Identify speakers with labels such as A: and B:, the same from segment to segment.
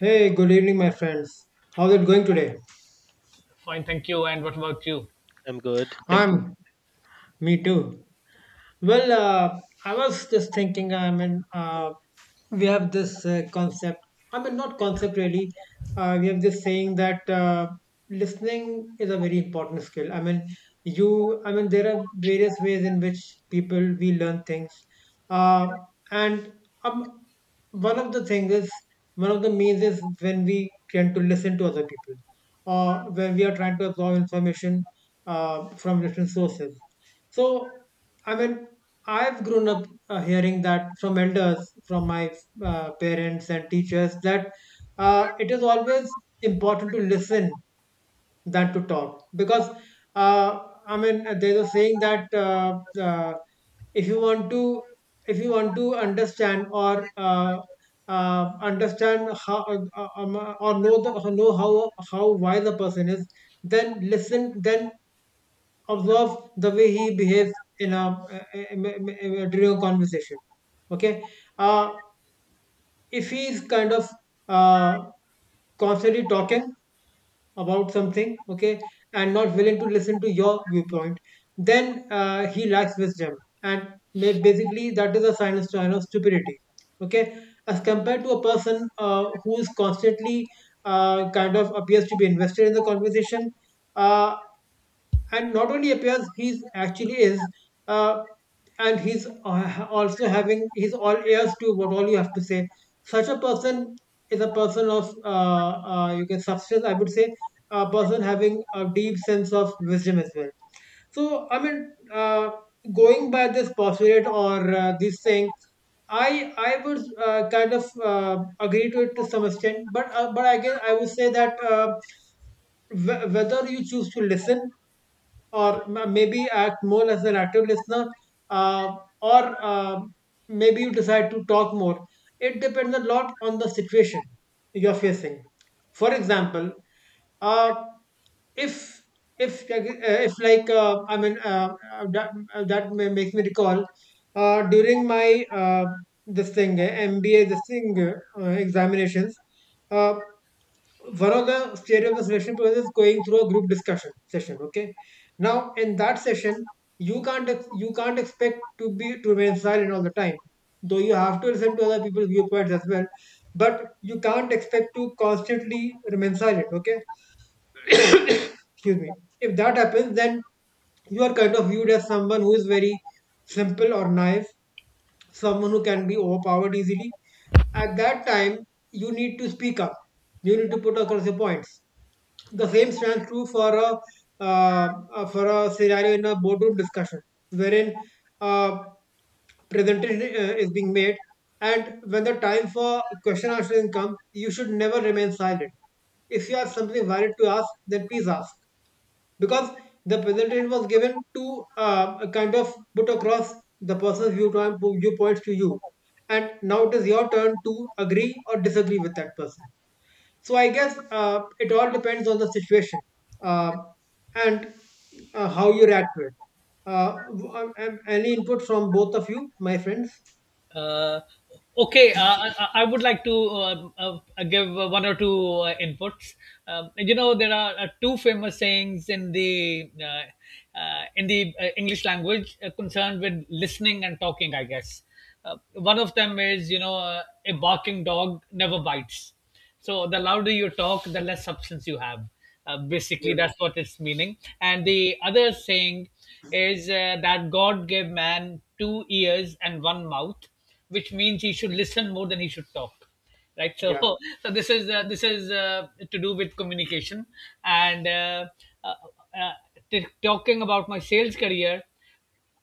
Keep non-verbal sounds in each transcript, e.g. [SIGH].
A: Hey, good evening, my friends. How's it going today?
B: Fine, thank you. And what about you?
C: I'm good. Thank you.
A: I'm Me too. Well, I was just thinking. We have this concept. Not concept really. We have this saying that listening is a very important skill. There are various ways in which people we learn things. Uh, and um, One of the things is, one of the means is when we tend to listen to other people, or when we are trying to absorb information from different sources. So, I mean, I've grown up hearing that from elders, from my parents and teachers, that it is always important to listen than to talk. Because, uh, there's a saying that if you want to, if you want to understand or understand how or know the or know how wise a person is, then listen. Then observe the way he behaves in a, a, during a conversation. Okay, uh, if he's kind of uh, constantly talking about something, okay, and not willing to listen to your viewpoint, then he lacks wisdom, and basically that is a sign of stupidity. Okay, as compared to a person who is constantly kind of appears to be invested in the conversation. Uh, and not only appears, he's actually is, uh, and he's also having, he's all ears to what all you have to say. Such a person is a person of you can substance, I would say, a person having a deep sense of wisdom as well. So i mean uh, going by this postulate or this saying, i I would kind of uh, agree to it to some extent, but again I would say that, whether you choose to listen or maybe act more as an active listener, uh, or maybe you decide to talk more. It depends a lot on the situation you're facing. For example, uh, if if like, if like I mean that, that may makes me recall, during my this thing MBA this thing examinations. Uh, One of the stages of the selection process is going through a group discussion session. Okay, now in that session, you can't you can't expect to be to remain silent all the time. Though you have to listen to other people's viewpoints as well, but you can't expect to constantly remain silent. Okay, excuse me. If that happens, then you are kind of viewed as someone who is very simple or naive, someone who can be overpowered easily. At that time, you need to speak up, you need to put across your points. The same stands true for a scenario in a boardroom discussion, wherein uh, presentation is being made, and when the time for question answering comes, you should never remain silent. If you have something valid to ask, then please ask, because the presentation was given to kind of put across the person's viewpoints to you, and now it is your turn to agree or disagree with that person. So I guess it all depends on the situation uh, and how you react to it. Uh, any input from both of you, my friends?
B: Uh, okay, I would like to give one or two inputs. There are two famous sayings in the English language concerned with listening and talking. I guess one of them is a barking dog never bites. So the louder you talk, the less substance you have. Basically,
A: Yes.
B: that's what it's meaning. And the other saying is that God gave man two ears and one mouth, which means he should listen more than he should talk. Right. So,
A: Yeah.
B: [LAUGHS] so this is to do with communication and uh, uh, talking about my sales career.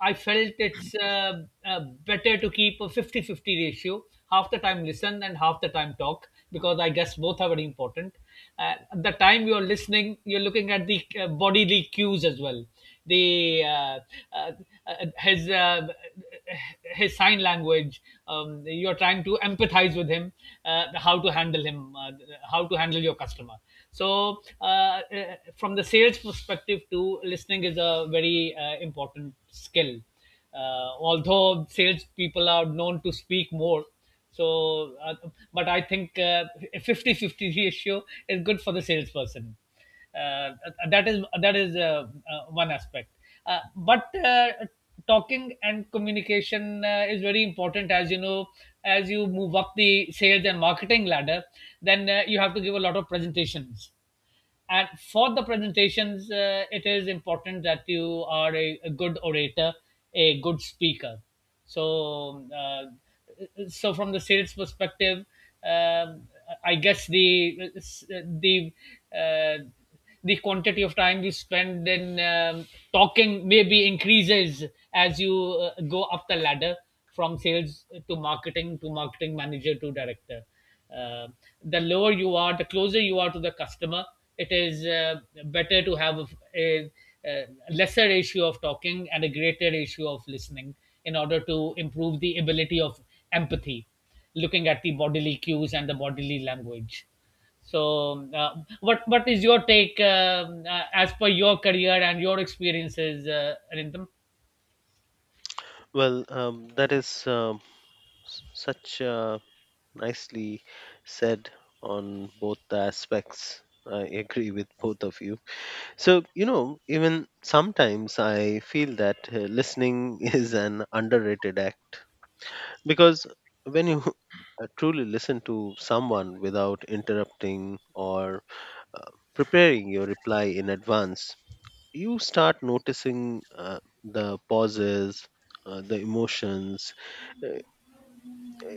B: I felt it's better to keep a 50-50 ratio. Half the time listen and half the time talk because I guess both are very important. At the time you're listening, you're looking at the bodily cues as well. The uh, uh, his uh, his sign language. You're trying to empathize with him, how to handle him, how to handle your customer. So from the sales perspective to, listening is a very important skill. Although sales people are known to speak more, so uh, but I think a 50-50 ratio is good for the salesperson. Uh, that is one aspect. Uh, but talking and communication is very important, as you know. As you move up the sales and marketing ladder, then you have to give a lot of presentations, and for the presentations it is important that you are a good orator, a good speaker. So from the sales perspective, um, I guess the uh, the quantity of time you spend in talking maybe increases as you go up the ladder, from sales to marketing manager to director. uh, the lower you are, the closer you are to the customer, it is better to have a, a lesser ratio of talking and a greater ratio of listening, in order to improve the ability of empathy, looking at the bodily cues and the bodily language. So, what is your take, as per your career and your experiences, Arindam?
C: That is s- such nicely said on both the aspects. I agree with both of you. So, you know, even sometimes I feel that listening [LAUGHS] is an underrated act because when you [LAUGHS] truly listen to someone without interrupting or preparing your reply in advance, you start noticing the pauses, the emotions uh,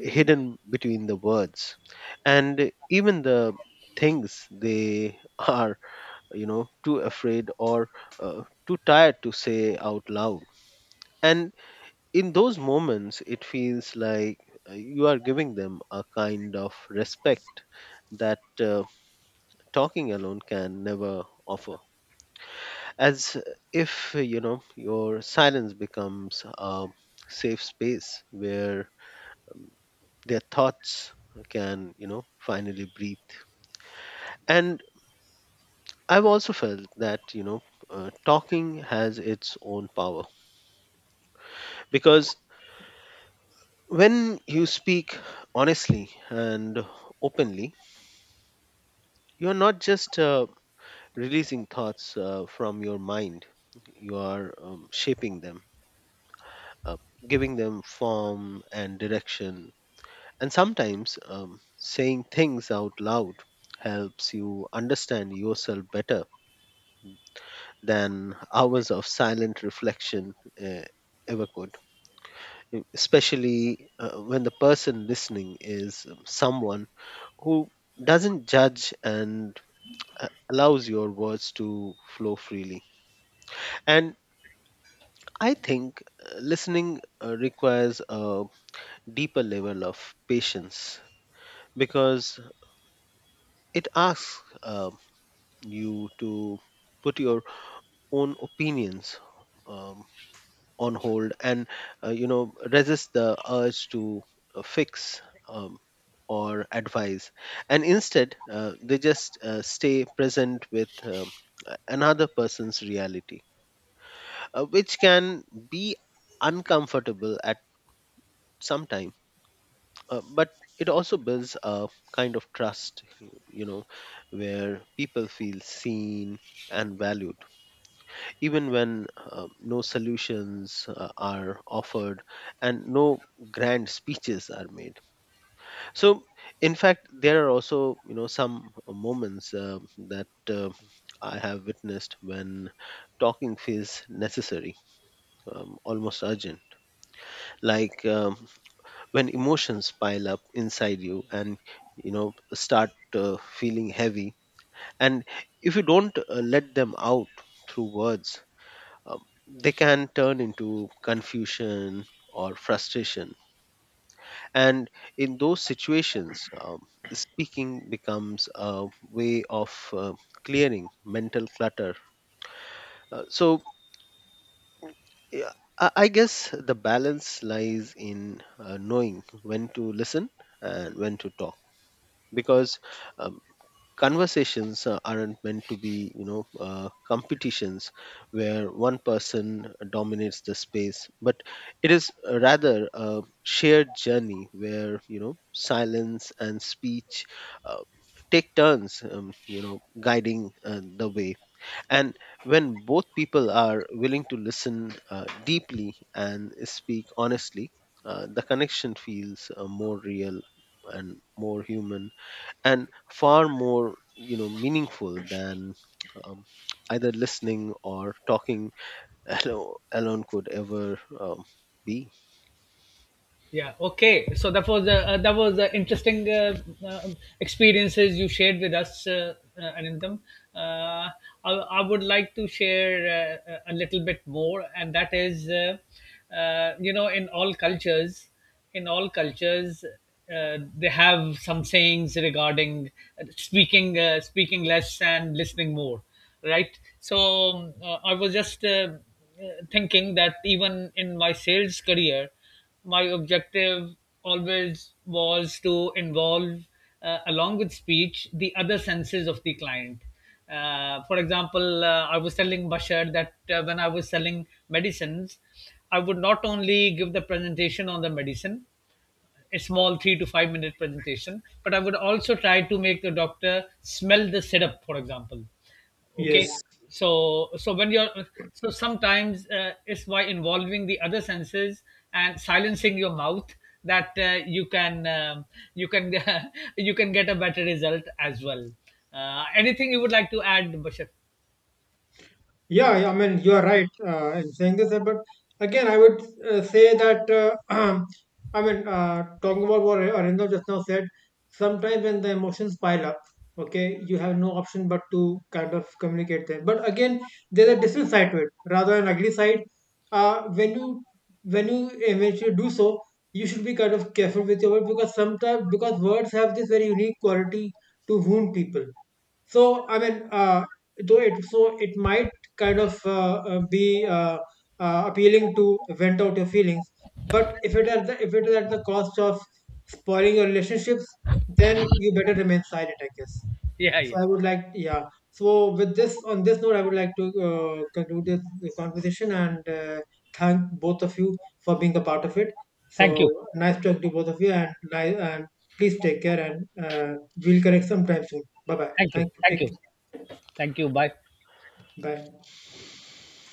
C: hidden between the words, and even the things they [LAUGHS] are, you know, too afraid or too tired to say out loud. And in those moments, it feels like you are giving them a kind of respect that talking alone can never offer, as if, you know, your silence becomes a safe space where their thoughts can, you know, finally breathe. And I've also felt that, talking has its own power because when you speak honestly and openly, you're not just releasing thoughts from your mind, you are shaping them, uh, giving them form and direction. And sometimes, saying things out loud helps you understand yourself better than hours of silent reflection uh, ever could, especially when the person listening is someone who doesn't judge and allows your words to flow freely. And I think listening requires a deeper level of patience because it asks you to put your own opinions um, on hold and, you know, resist the urge to fix um, or advise, and instead they just stay present with another person's reality, which can be uncomfortable at some time, but it also builds a kind of trust, you know, where people feel seen and valued even when no solutions are offered and no grand speeches are made. So in fact, there are also, you know, some moments that I have witnessed when talking feels necessary, almost urgent, like, when emotions pile up inside you and, you know, start feeling heavy, and if you don't let them out through words, um, they can turn into confusion or frustration. And in those situations, speaking becomes a way of clearing mental clutter. So, yeah, I guess the balance lies in knowing when to listen and when to talk, because um, conversations aren't meant to be, you know, competitions where one person dominates the space, but it is rather a shared journey where, you know, silence and speech uh, take turns, you know, guiding the way. And when both people are willing to listen deeply and speak honestly, the connection feels more real and more human, and far more, you know, meaningful than, um, either listening or talking [LAUGHS] alone could ever be.
B: Yeah. Okay. So that was the interesting uh, experiences you shared with us, Anandam. Uh, I would like to share a little bit more, and that is, uh, you know, in all cultures, in all cultures, they have some sayings regarding speaking less and listening more, right? So I was just thinking that even in my sales career, my objective always was to involve, along with speech, the other senses of the client. For example, I was telling Bashar that when I was selling medicines, I would not only give the presentation on the medicine, a small 3 to 5 minute presentation, but I would also try to make the doctor smell the setup, for example. Okay.
A: Yes.
B: so so when you're so Sometimes it's by involving the other senses and silencing your mouth that you can [LAUGHS] you can get a better result as well. Anything you would like to add, Bashar?
A: Yeah, yeah, I mean, you are right in saying this, but again, I would say that, [CLEARS THROAT] talking about what Arindam just now said, sometimes when the emotions pile up, okay, you have no option but to kind of communicate them. But again, there's a different side to it, rather an ugly side. Uh, when you when you eventually do so, you should be kind of careful with your words, because sometimes, because words have this very unique quality to wound people. So though it might kind of be appealing to vent out your feelings, but if it is at the cost of spoiling your relationships, then you better remain silent, I guess.
B: Yeah, yeah.
A: So I would like, yeah. So with this, on this note, I would like to conclude this conversation and thank both of you for being a part of it. So
B: Thank you.
A: nice talk to both of you, and please take care, and we'll connect sometime soon. Bye bye.
B: Thank you.
A: Thank you.
B: Thank
A: Take
B: you.
A: care.
B: Thank you. Bye.
A: Bye.